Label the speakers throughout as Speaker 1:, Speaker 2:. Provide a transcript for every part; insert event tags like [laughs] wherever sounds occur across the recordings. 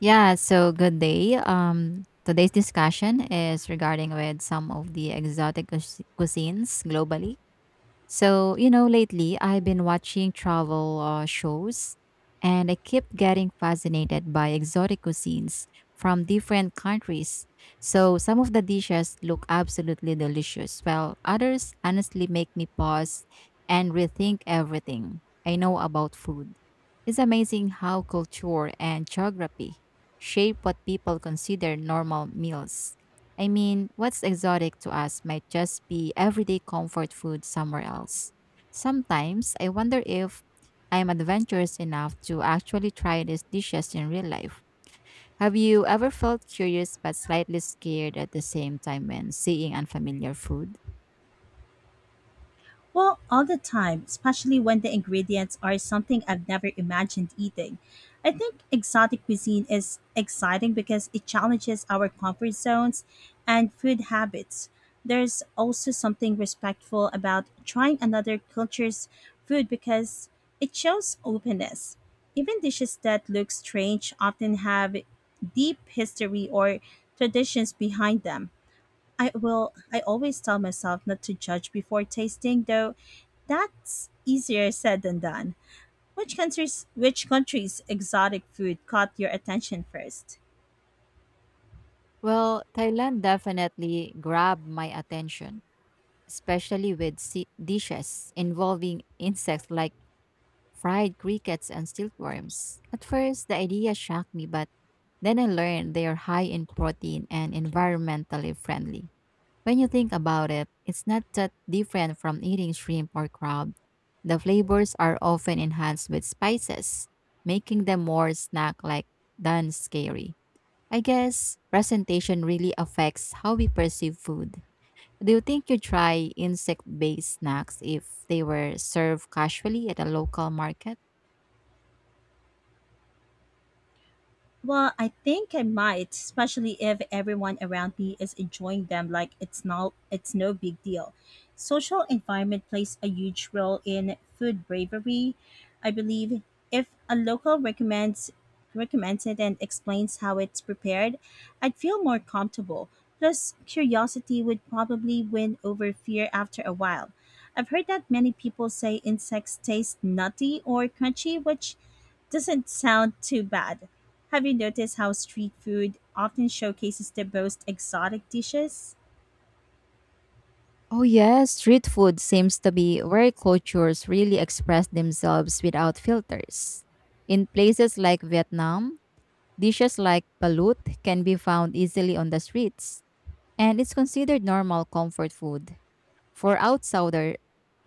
Speaker 1: Yeah, so good day. Today's discussion is regarding with some of the cuisines globally. So, you know, lately I've been watching travel shows and I keep getting fascinated by exotic cuisines from different countries. So, some of the dishes look absolutely delicious, while others honestly make me pause and rethink everything I know about food. It's amazing how culture and geography shape what people consider normal meals. I mean, what's exotic to us might just be everyday comfort food somewhere else. Sometimes I wonder if I am adventurous enough to actually try these dishes in real life. Have you ever felt curious but slightly scared at the same time when seeing unfamiliar food?
Speaker 2: Well, all the time, especially when the ingredients are something I've never imagined eating. I think exotic cuisine is exciting because it challenges our comfort zones and food habits. There's also something respectful about trying another culture's food because it shows openness. Even dishes that look strange often have deep history or traditions behind them. I always tell myself not to judge before tasting, though that's easier said than done. Which countries exotic food caught your attention first?
Speaker 1: Well, Thailand definitely grabbed my attention, especially with dishes involving insects like fried crickets and silkworms. At first, the idea shocked me, but then I learned they are high in protein and environmentally friendly. When you think about it, it's not that different from eating shrimp or crab. The flavors are often enhanced with spices, making them more snack like than scary. I guess presentation really affects how we perceive food. Do you think you try insect based snacks if they were served casually at a local market?
Speaker 2: Well, I think I might, especially if everyone around me is enjoying them like it's no big deal. Social environment plays a huge role in food bravery. I believe if a local recommends it and explains how it's prepared, I'd feel more comfortable. Plus, curiosity would probably win over fear after a while. I've heard that many people say insects taste nutty or crunchy, which doesn't sound too bad. Have you noticed how street food often showcases the most exotic dishes?
Speaker 1: Oh yes, street food seems to be where cultures really express themselves without filters. In places like Vietnam, dishes like balut can be found easily on the streets, and it's considered normal comfort food. For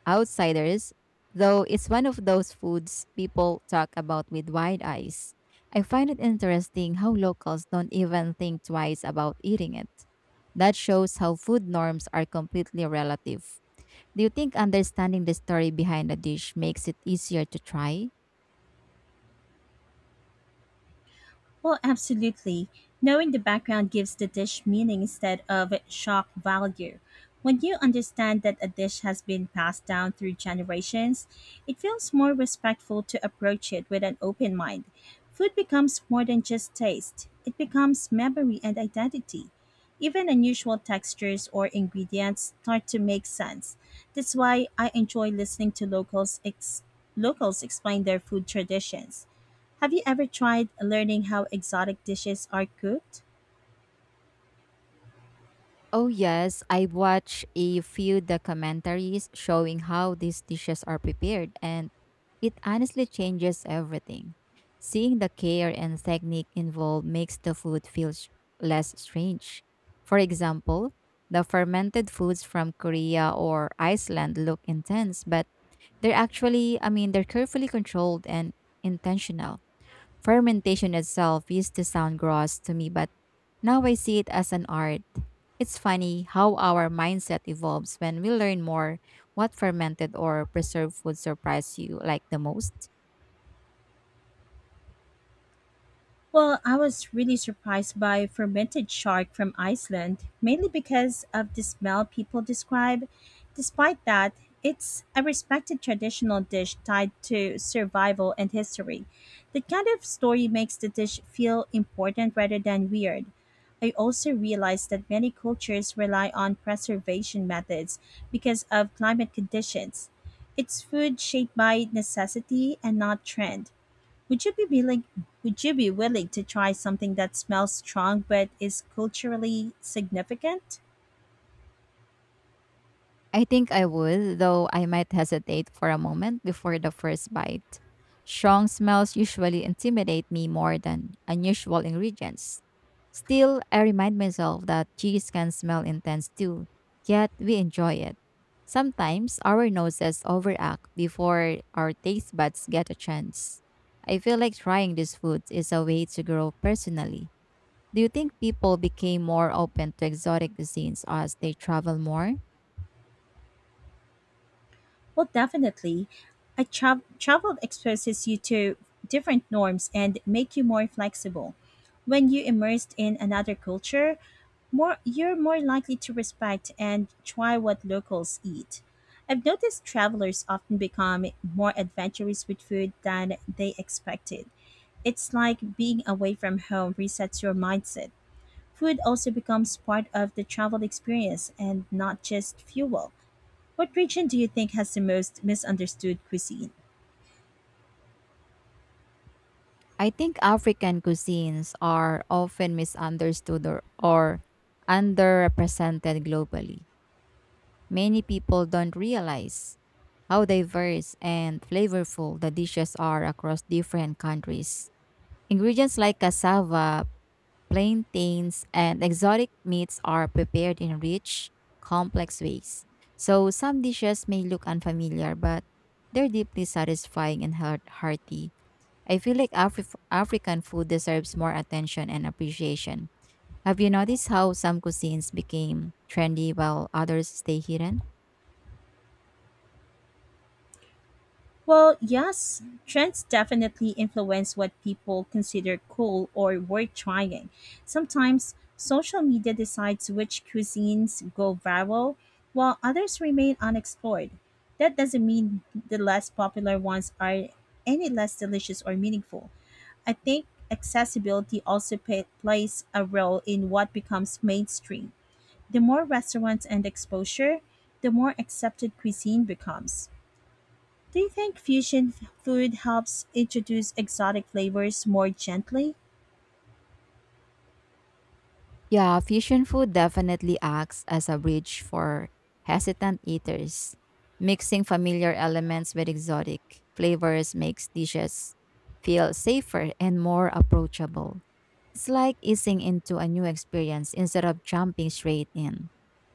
Speaker 1: outsiders, though it's one of those foods people talk about with wide eyes. I find it interesting how locals don't even think twice about eating it. That shows how food norms are completely relative. Do you think understanding the story behind a dish makes it easier to try?
Speaker 2: Well, absolutely. Knowing the background gives the dish meaning instead of shock value. When you understand that a dish has been passed down through generations, it feels more respectful to approach it with an open mind. Food becomes more than just taste, it becomes memory and identity. Even unusual textures or ingredients start to make sense. That's why I enjoy listening to locals explain their food traditions. Have you ever tried learning how exotic dishes are cooked?
Speaker 1: Oh, yes, I watched a few documentaries showing how these dishes are prepared, and it honestly changes everything. Seeing the care and technique involved makes the food feel less strange. For example, the fermented foods from Korea or Iceland look intense, but they're actually, I mean, they're carefully controlled and intentional. Fermentation itself used to sound gross to me, but now I see it as an art. It's funny how our mindset evolves when we learn more what fermented or preserved food surprised you like the most.
Speaker 2: Well, I was really surprised by fermented shark from Iceland, mainly because of the smell people describe. Despite that, it's a respected traditional dish tied to survival and history. That kind of story makes the dish feel important rather than weird. I also realized that many cultures rely on preservation methods because of climate conditions. It's food shaped by necessity and not trend. Would you be willing would you be willing to try something that smells strong but is culturally significant?
Speaker 1: I think I would, though I might hesitate for a moment before the first bite. Strong smells usually intimidate me more than unusual ingredients. Still, I remind myself that cheese can smell intense too, yet we enjoy it. Sometimes our noses overact before our taste buds get a chance. I feel like trying these foods is a way to grow personally. Do you think people became more open to exotic cuisines as they travel more?
Speaker 2: Well, definitely. Travel exposes you to different norms and make you more flexible. When you immersed in another culture, more you're more likely to respect and try what locals eat. I've noticed travelers often become more adventurous with food than they expected. It's like being away from home resets your mindset. Food also becomes part of the travel experience and not just fuel. What region do you think has the most misunderstood cuisine?
Speaker 1: I think African cuisines are often misunderstood or underrepresented globally. Many people don't realize how diverse and flavorful the dishes are across different countries. Ingredients like cassava, plantains, and exotic meats are prepared in rich, complex ways. So some dishes may look unfamiliar, but they're deeply satisfying and hearty. I feel like African food deserves more attention and appreciation. Have you noticed how some cuisines became trendy while others stay hidden?
Speaker 2: Well, yes, trends definitely influence what people consider cool or worth trying. Sometimes social media decides which cuisines go viral, while others remain unexplored. That doesn't mean the less popular ones are any less delicious or meaningful. I think accessibility also plays a role in what becomes mainstream. The more restaurants and exposure, the more accepted cuisine becomes. Do you think food helps introduce exotic flavors more gently?
Speaker 1: Yeah, fusion food definitely acts as a bridge for hesitant eaters. Mixing familiar elements with exotic flavors makes dishes feel safer and more approachable. It's like easing into a new experience instead of jumping straight in.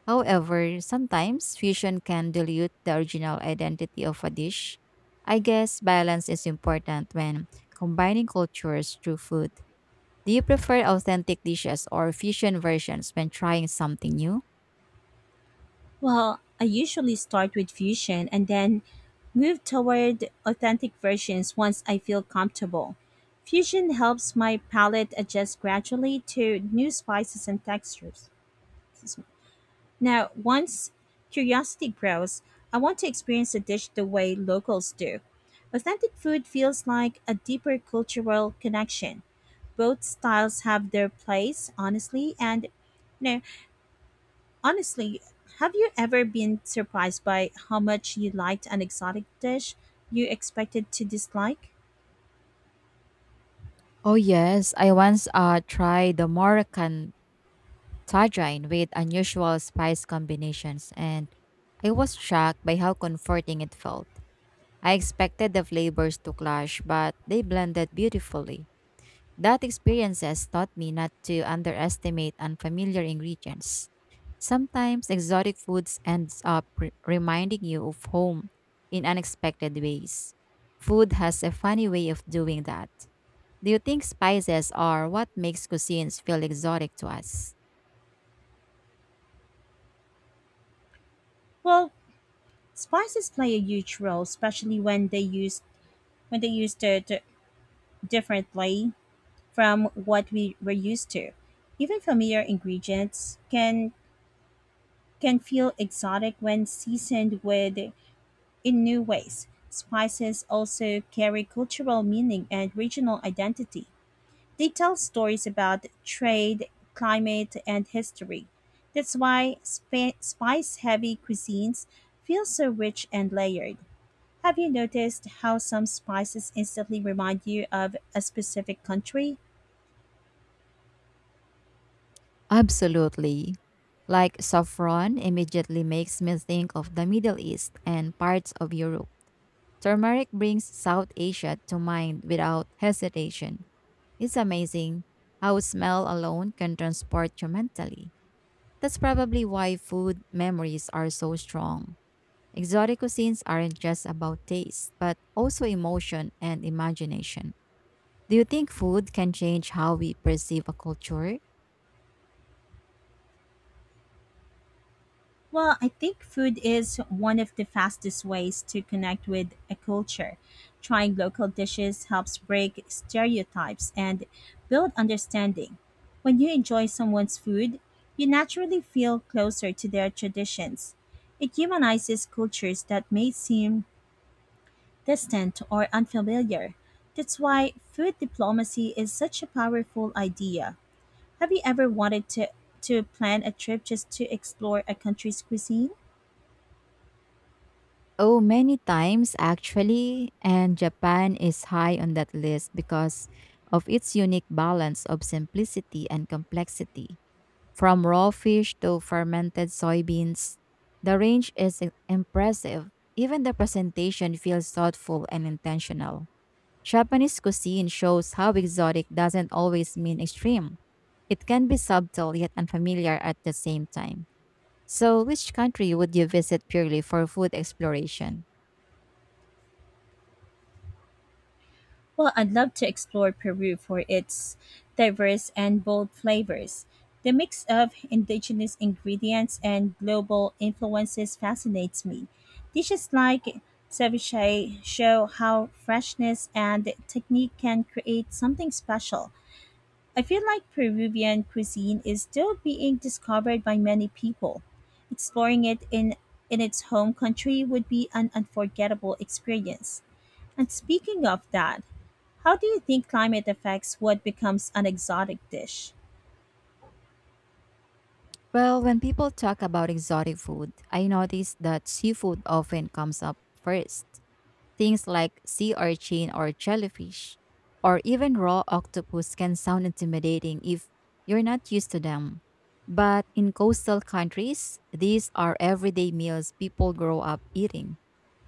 Speaker 1: However, sometimes fusion can dilute the original identity of a dish. I guess balance is important when combining cultures through food. Do you prefer authentic dishes or fusion versions when trying something new?
Speaker 2: Well, I usually start with fusion and then move toward authentic versions once I feel comfortable. Fusion helps my palate adjust gradually to new spices and textures. Now, once curiosity grows, I want to experience a dish the way locals do. Authentic food feels like a deeper cultural connection. Both styles have their place, honestly, and no, honestly, have you ever been surprised by how much you liked an exotic dish you expected to dislike?
Speaker 1: Oh yes, I once tried the Moroccan tajine with unusual spice combinations and I was shocked by how comforting it felt. I expected the flavors to clash, but they blended beautifully. That experience has taught me not to underestimate unfamiliar ingredients. Sometimes exotic foods ends up reminding you of home in unexpected ways. Food has a funny way of doing that. Do you think spices are what makes cuisines feel exotic to us?
Speaker 2: Well, spices play a huge role, especially when they used it differently from what we were used to. Even familiar ingredients can feel exotic when seasoned with in new ways. Spices also carry cultural meaning and regional identity. They tell stories about trade, climate, and history. That's why spice-heavy cuisines feel so rich and layered. Have you noticed how some spices instantly remind you of a specific country?
Speaker 1: Absolutely. Like saffron immediately makes me think of the Middle East and parts of Europe. Turmeric brings South Asia to mind without hesitation. It's amazing how smell alone can transport you mentally. That's probably why food memories are so strong. Exotic cuisines aren't just about taste, but also emotion and imagination. Do you think food can change how we perceive a culture?
Speaker 2: Well, I think food is one of the fastest ways to connect with a culture. Trying local dishes helps break stereotypes and build understanding. When you enjoy someone's food, you naturally feel closer to their traditions. It humanizes cultures that may seem distant or unfamiliar. That's why food diplomacy is such a powerful idea. Have you ever wanted to plan a trip just to explore a country's cuisine?
Speaker 1: Oh, many times actually, and Japan is high on that list because of its unique balance of simplicity and complexity. From raw fish to fermented soybeans, the range is impressive. Even the presentation feels thoughtful and intentional. Japanese cuisine shows how exotic doesn't always mean extreme. It can be subtle yet unfamiliar at the same time. So, which country would you visit purely for food exploration?
Speaker 2: Well, I'd love to explore Peru for its diverse and bold flavors. The mix of indigenous ingredients and global influences fascinates me. Dishes like ceviche show how freshness and technique can create something special. I feel like Peruvian cuisine is still being discovered by many people. Exploring it in its home country would be an unforgettable experience. And speaking of that, how do you think climate affects what becomes an exotic dish?
Speaker 1: Well, when people talk about exotic food, I notice that seafood often comes up first. Things like sea urchin or jellyfish, or even raw octopus can sound intimidating if you're not used to them. But in coastal countries, these are everyday meals people grow up eating.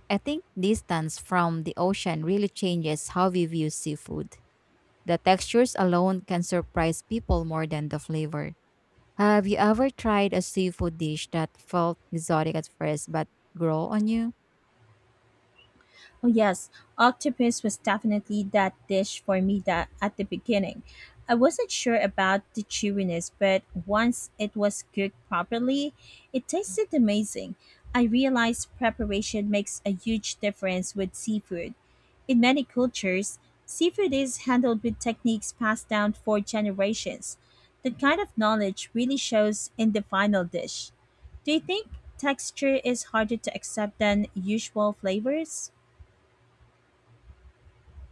Speaker 1: I think distance from the ocean really changes how we view seafood. The textures alone can surprise people more than the flavor. Have you ever tried a seafood dish that felt exotic at first but grow on you?
Speaker 2: Oh yes, octopus was definitely that dish for me that at the beginning. I wasn't sure about the chewiness, but once it was cooked properly, it tasted amazing. I realized preparation makes a huge difference with seafood. In many cultures, seafood is handled with techniques passed down for generations. That kind of knowledge really shows in the final dish. Do you think texture is harder to accept than usual flavors?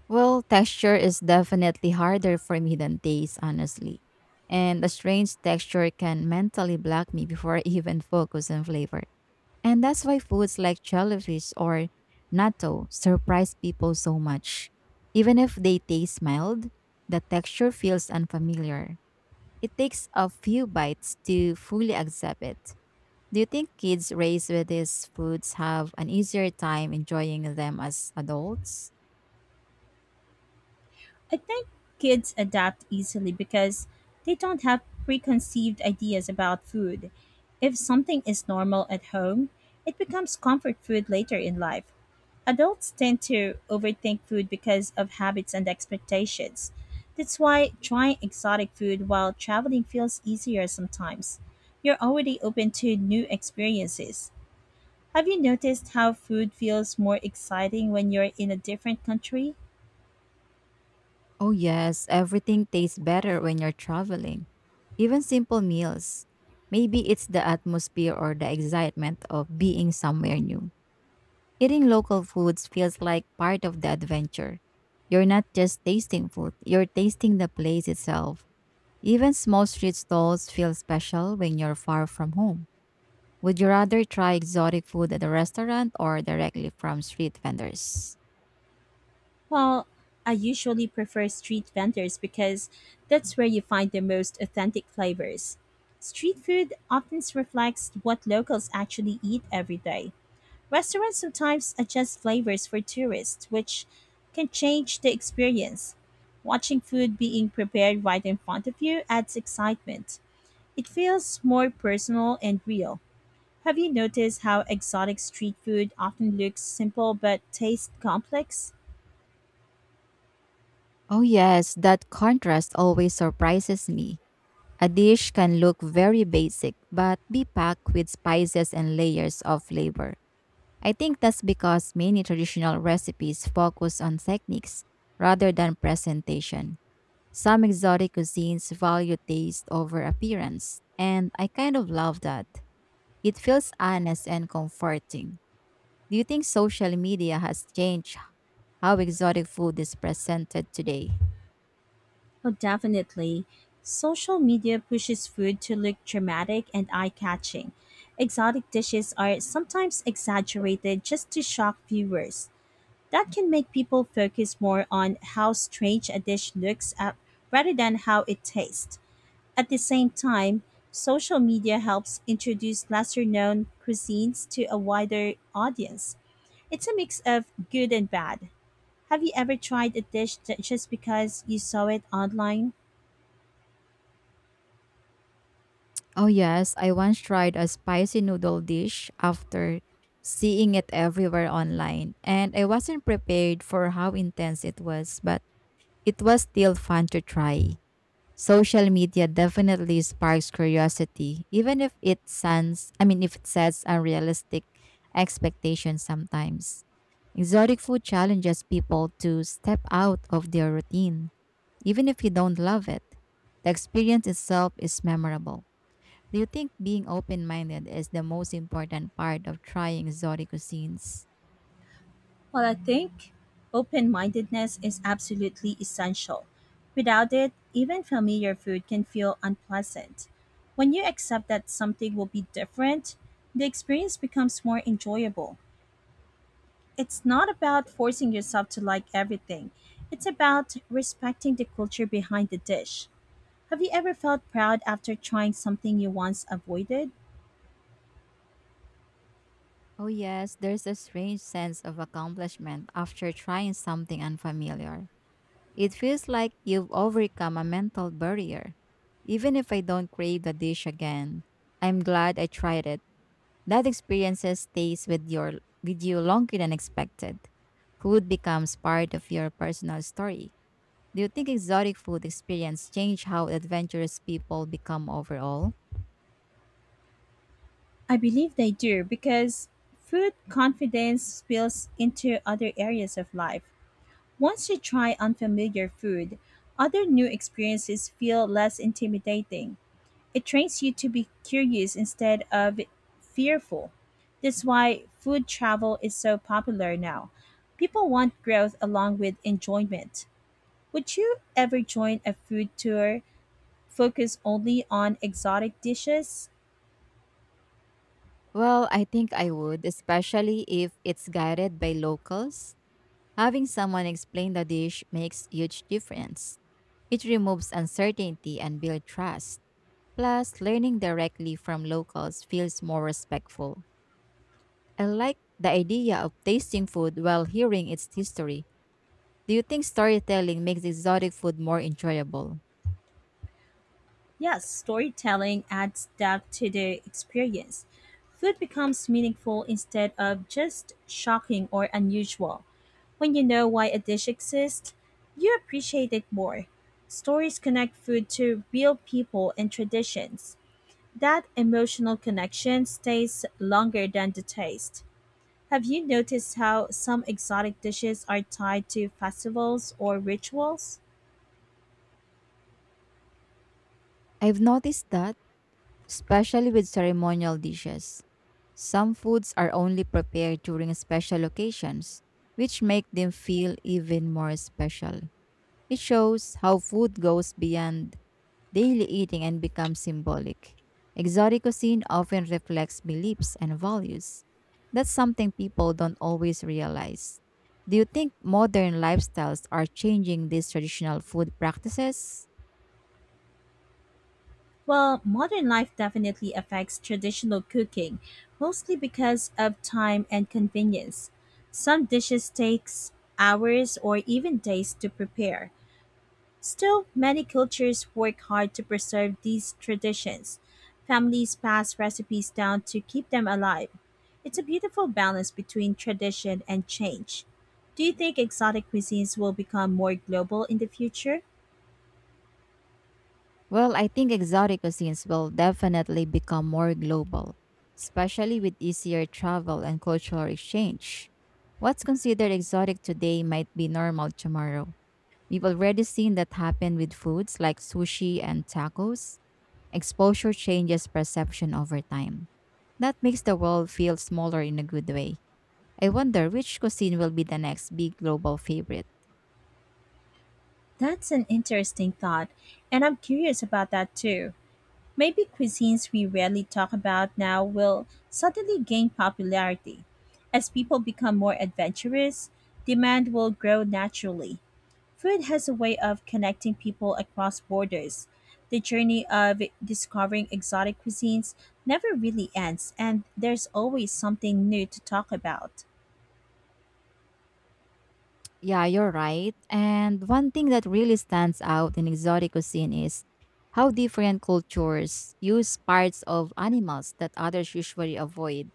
Speaker 1: Well, texture is definitely harder for me than taste, honestly. And a strange texture can mentally block me before [laughs] I even focus on flavor. And that's why foods like jellyfish or natto surprise people so much. Even if they taste mild, the texture feels unfamiliar. It takes a few bites to fully accept it. Do you think kids raised with these foods have an easier time enjoying them as adults?
Speaker 2: I think kids adapt easily because they don't have preconceived ideas about food. If something is normal at home, it becomes comfort food later in life. Adults tend to overthink food because of habits and expectations. That's why trying exotic food while traveling feels easier sometimes. You're already open to new experiences. Have you noticed how food feels more exciting when you're in a different country?
Speaker 1: Oh, yes, everything tastes better when you're traveling, even simple meals. Maybe it's the atmosphere or the excitement of being somewhere new. Eating local foods feels like part of the adventure. You're not just tasting food, you're tasting the place itself. Even small street stalls feel special when you're far from home. Would you rather try exotic food at a restaurant or directly from street vendors?
Speaker 2: Well, I usually prefer street vendors because that's where you find the most authentic flavors. Street food often reflects what locals actually eat every day. Restaurants sometimes adjust flavors for tourists, which can change the experience. Watching food being prepared right in front of you adds excitement. It feels more personal and real. Have you noticed how exotic street food often looks simple but tastes complex?
Speaker 1: Oh, yes, that contrast always surprises me. A dish can look very basic but be packed with spices and layers of flavor. I think that's because many traditional recipes focus on techniques rather than presentation. Some exotic cuisines value taste over appearance, and I kind of love that. It feels honest and comforting. Do you think social media has changed how exotic food is presented today?
Speaker 2: Oh, definitely. Social media pushes food to look dramatic and eye catching. Exotic dishes are sometimes exaggerated just to shock viewers. That can make people focus more on how strange a dish looks up rather than how it tastes. At the same time, social media helps introduce lesser known cuisines to a wider audience. It's a mix of good and bad. Have you ever tried a dish that just because you saw it online?
Speaker 1: Oh, yes. I once tried a spicy noodle dish after seeing it everywhere online, and I wasn't prepared for how intense it was, but it was still fun to try. Social media definitely sparks curiosity, even if it sends, I mean, if it sets unrealistic expectations sometimes. Exotic food challenges people to step out of their routine, even if you don't love it. The experience itself is memorable. Do you think being open minded is the most important part of trying exotic cuisines?
Speaker 2: Well, I think open mindedness is absolutely essential. Without it, even familiar food can feel unpleasant. When you accept that something will be different, the experience becomes more enjoyable. It's not about forcing yourself to like everything, it's about respecting the culture behind the dish. Have you ever felt proud after trying something you once avoided?
Speaker 1: Oh, yes, there's a strange sense of accomplishment after trying something unfamiliar. It feels like you've overcome a mental barrier. Even if I don't crave the dish again, I'm glad I tried it. That experience with you longer than expected. Food becomes part of your personal story. Do you think exotic food experience change how adventurous people become overall?
Speaker 2: I believe they do because food confidence spills into other areas of life. Once you try unfamiliar food, other new experiences feel less intimidating. It trains you to be curious instead of fearful. That's why food travel is so popular now. People want growth along with enjoyment. Would you ever join a food tour focused only on exotic dishes?
Speaker 1: Well, I think I would, especially if it's guided by locals. Having someone explain the dish makes huge difference. It removes uncertainty and builds trust. Plus, learning directly from locals feels more respectful. I like the idea of tasting food while hearing its history. Do you think storytelling makes exotic food more enjoyable?
Speaker 2: Yes, storytelling adds depth to the experience. Food becomes meaningful instead of just shocking or unusual. When you know why a dish exists, you appreciate it more. Stories connect food to real people and traditions. That emotional connection stays longer than the taste. Have you noticed how some exotic dishes are tied to festivals or rituals?
Speaker 1: I've noticed that, especially with ceremonial dishes, some foods are only prepared during special occasions, which make them feel even more special. It shows how food goes beyond daily eating and becomes symbolic. Exotic cuisine often reflects beliefs and values. That's something people don't always realize. Do you think modern lifestyles are changing these traditional food practices?
Speaker 2: Well, modern life definitely affects traditional cooking, mostly because of time and convenience. Some dishes takes hours or even days to prepare. Still, many cultures work hard to preserve these traditions. Families pass recipes down to keep them alive. It's a beautiful balance between tradition and change. Do you think exotic cuisines will become more global in the future?
Speaker 1: Well, I think exotic cuisines will definitely become more global, especially with easier travel and cultural exchange. What's considered exotic today might be normal tomorrow. We've already seen that happen with foods like sushi and tacos. Exposure changes perception over time. That makes the world feel smaller in a good way. I wonder which cuisine will be the next big global favorite.
Speaker 2: That's an interesting thought, and I'm curious about that too. Maybe cuisines we rarely talk about now will suddenly gain popularity. As people become more adventurous, demand will grow naturally. Food has a way of connecting people across borders. The journey of discovering exotic cuisines never really ends, and there's always something new to talk about.
Speaker 1: Yeah, you're right. And one thing that really stands out in exotic cuisine is how different cultures use parts of animals that others usually avoid,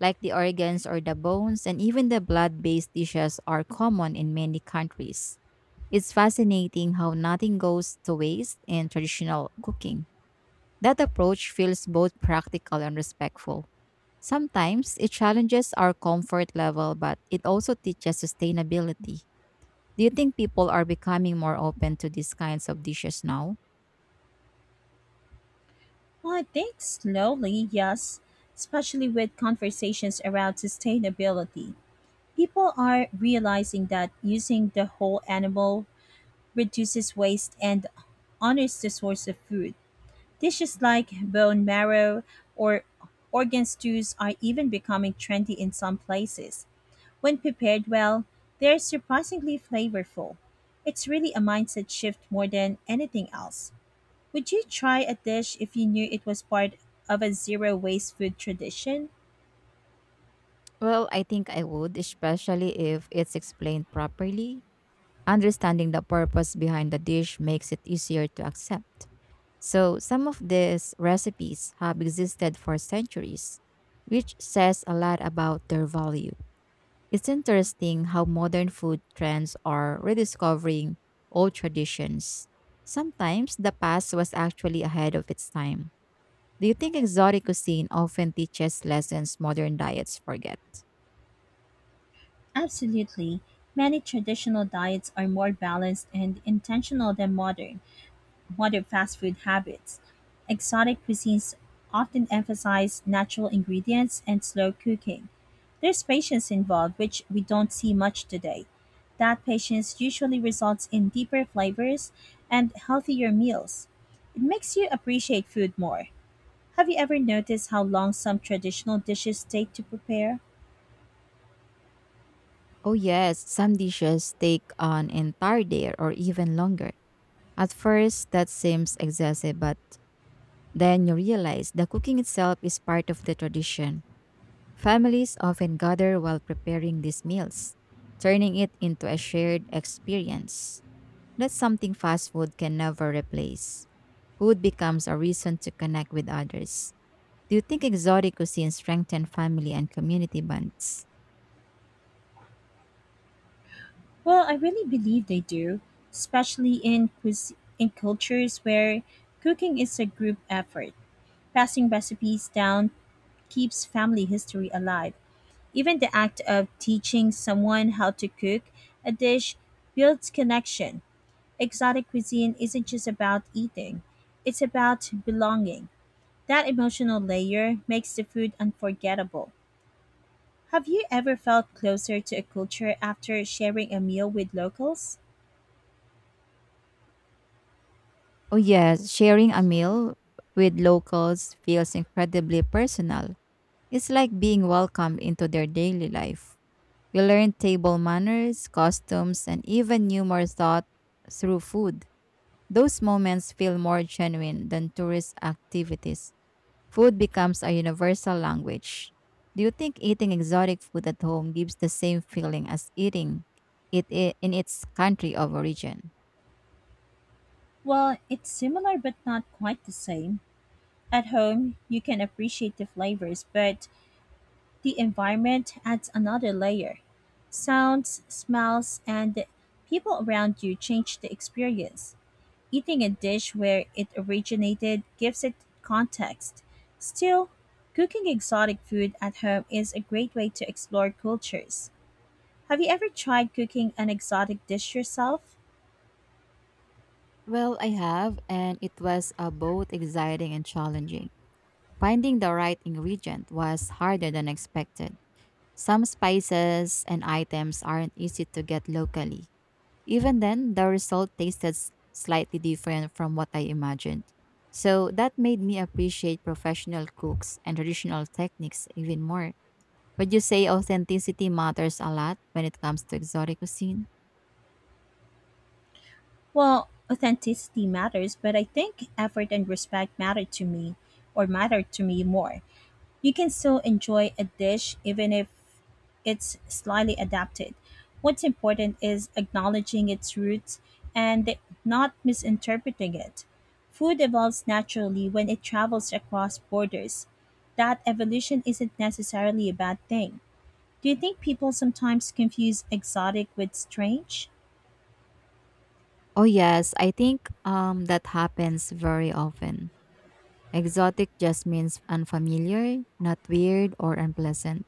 Speaker 1: like the organs or the bones, and even the blood based dishes are common in many countries. It's fascinating how nothing goes to waste in traditional cooking. That approach feels both practical and respectful. Sometimes it challenges our comfort level, but it also teaches sustainability. Do you think people are becoming more open to these kinds of dishes now?
Speaker 2: Well, I think slowly, yes, especially with conversations around sustainability. People are realizing that using the whole animal reduces waste and honors the source of food. Dishes like bone marrow or organ stews are even becoming trendy in some places. When prepared well, they're surprisingly flavorful. It's really a mindset shift more than anything else. Would you try a dish if you knew it was part of a zero waste food tradition?
Speaker 1: Well, I think I would, especially if it's explained properly. Understanding the purpose behind the dish makes it easier to accept. So, some of these recipes have existed for centuries, which says a lot about their value. It's interesting how modern food trends are rediscovering old traditions. Sometimes the past was actually ahead of its time. Do you think exotic cuisine often teaches lessons modern diets forget?
Speaker 2: Absolutely. Many traditional diets are more balanced and intentional than modern. Modern fast food habits. Exotic cuisines often emphasize natural ingredients and slow cooking. There's patience involved, which we don't see much today. That patience usually results in deeper flavors and healthier meals. It makes you appreciate food more. Have you ever noticed how long some traditional dishes take to prepare?
Speaker 1: Oh, yes, some dishes take an entire day or even longer. At first, that seems excessive, but then you realize the cooking itself is part of the tradition. Families often gather while preparing these meals, turning it into a shared experience. That's something fast food can never replace. Food becomes a reason to connect with others. Do you think exotic cuisine strengthen family and community bonds?
Speaker 2: Well, I really believe they do, especially in in cultures where cooking is a group effort. Passing recipes down keeps family history alive. Even the act of teaching someone how to cook a dish builds connection. Exotic cuisine isn't just about eating, it's about belonging. That emotional layer makes the food unforgettable. Have you ever felt closer to a culture after sharing a meal with locals?
Speaker 1: Oh yes, sharing a meal with locals feels incredibly personal. It's like being welcomed into their daily life. You learn table manners, costumes, and even humor thought through food. Those moments feel more genuine than tourist activities. Food becomes a universal language. Do you think eating exotic food at home gives the same feeling as eating in its country of origin?
Speaker 2: Well, it's similar but not quite the same. At home, you can appreciate the flavors, but the environment adds another layer. Sounds, smells, and the people around you change the experience. Eating a dish where it originated gives it context. Still, cooking exotic food at home is a great way to explore cultures. Have you ever tried cooking an exotic dish yourself?
Speaker 1: Well, I have, and it was both exciting and challenging. Finding the right ingredient was harder than expected. Some spices and items aren't easy to get locally, Even then, the result tasted slightly different from what I imagined. So that made me appreciate professional cooks and traditional techniques even more. Would you say authenticity matters a lot when it comes to exotic cuisine?
Speaker 2: Well, authenticity matters, but I think effort and respect matter to me more. You can still enjoy a dish even if it's slightly adapted. What's important is acknowledging its roots and not misinterpreting it. Food evolves naturally when it travels across borders. That evolution isn't necessarily a bad thing. Do you think people sometimes confuse exotic with strange?
Speaker 1: Oh yes, I think that happens very often. Exotic just means unfamiliar, not weird or unpleasant.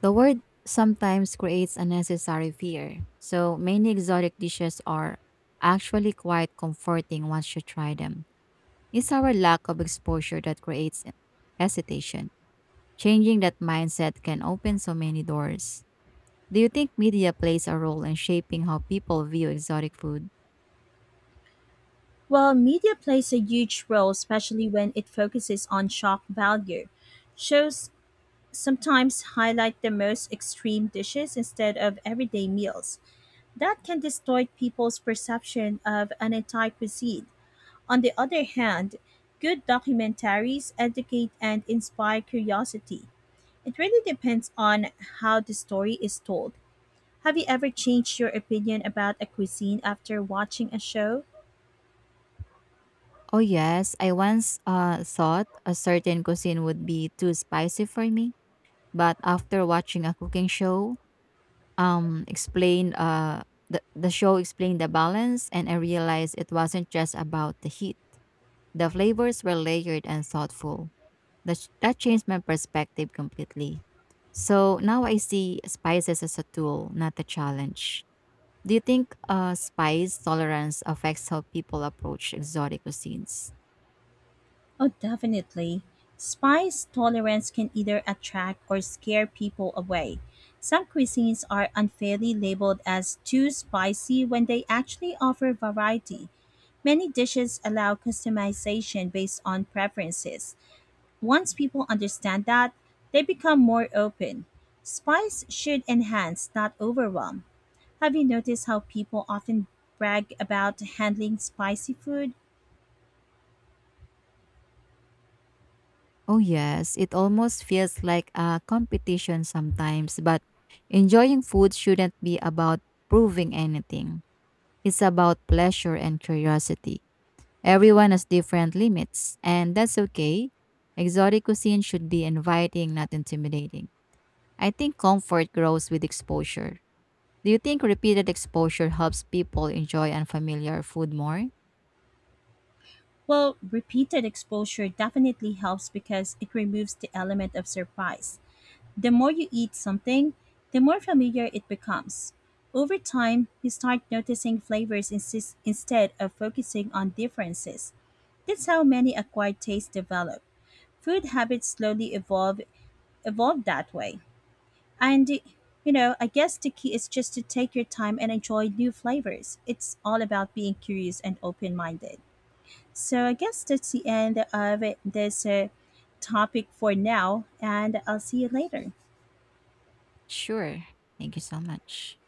Speaker 1: The word sometimes creates unnecessary fear, so many exotic dishes are actually quite comforting once you try them. It's our lack of exposure that creates hesitation. Changing that mindset can open so many doors. Do you think media plays a role in shaping how people view exotic food?
Speaker 2: Well, media plays a huge role, especially when it focuses on shock value. Shows sometimes highlight the most extreme dishes instead of everyday meals. That can distort people's perception of an entire cuisine. On the other hand, good documentaries educate and inspire curiosity. It really depends on how the story is told. Have you ever changed your opinion about a cuisine after watching a show?
Speaker 1: Oh, yes. I once thought a certain cuisine would be too spicy for me, but after watching a cooking show, um explained uh the show explained the balance and I realized it wasn't just about the heat. The flavors were layered and thoughtful. That changed my perspective completely. So now I see spices as a tool, not a challenge. Do you think spice tolerance affects how people approach exotic cuisines?
Speaker 2: Oh, definitely. Spice tolerance can either attract or scare people away. Some cuisines are unfairly labeled as too spicy when they actually offer variety. Many dishes allow customization based on preferences. Once people understand that, they become more open. Spice should enhance, not overwhelm. Have you noticed how people often brag about handling spicy food?
Speaker 1: Oh yes, it almost feels like a competition sometimes, but enjoying food shouldn't be about proving anything. It's about pleasure and curiosity. Everyone has different limits, and that's okay. Exotic cuisine should be inviting, not intimidating. I think comfort grows with exposure. Do you think repeated exposure helps people enjoy unfamiliar food more?
Speaker 2: Well, repeated exposure definitely helps because it removes the element of surprise. The more you eat something, the more familiar it becomes. Over time, you start noticing flavors instead of focusing on differences. That's how many acquired tastes develop. Food habits slowly evolve that way. And you know, I guess the key is just to take your time and enjoy new flavors. It's all about being curious and open-minded. So I guess that's the end of this topic for now, and I'll see you later.
Speaker 1: Sure. Thank you so much.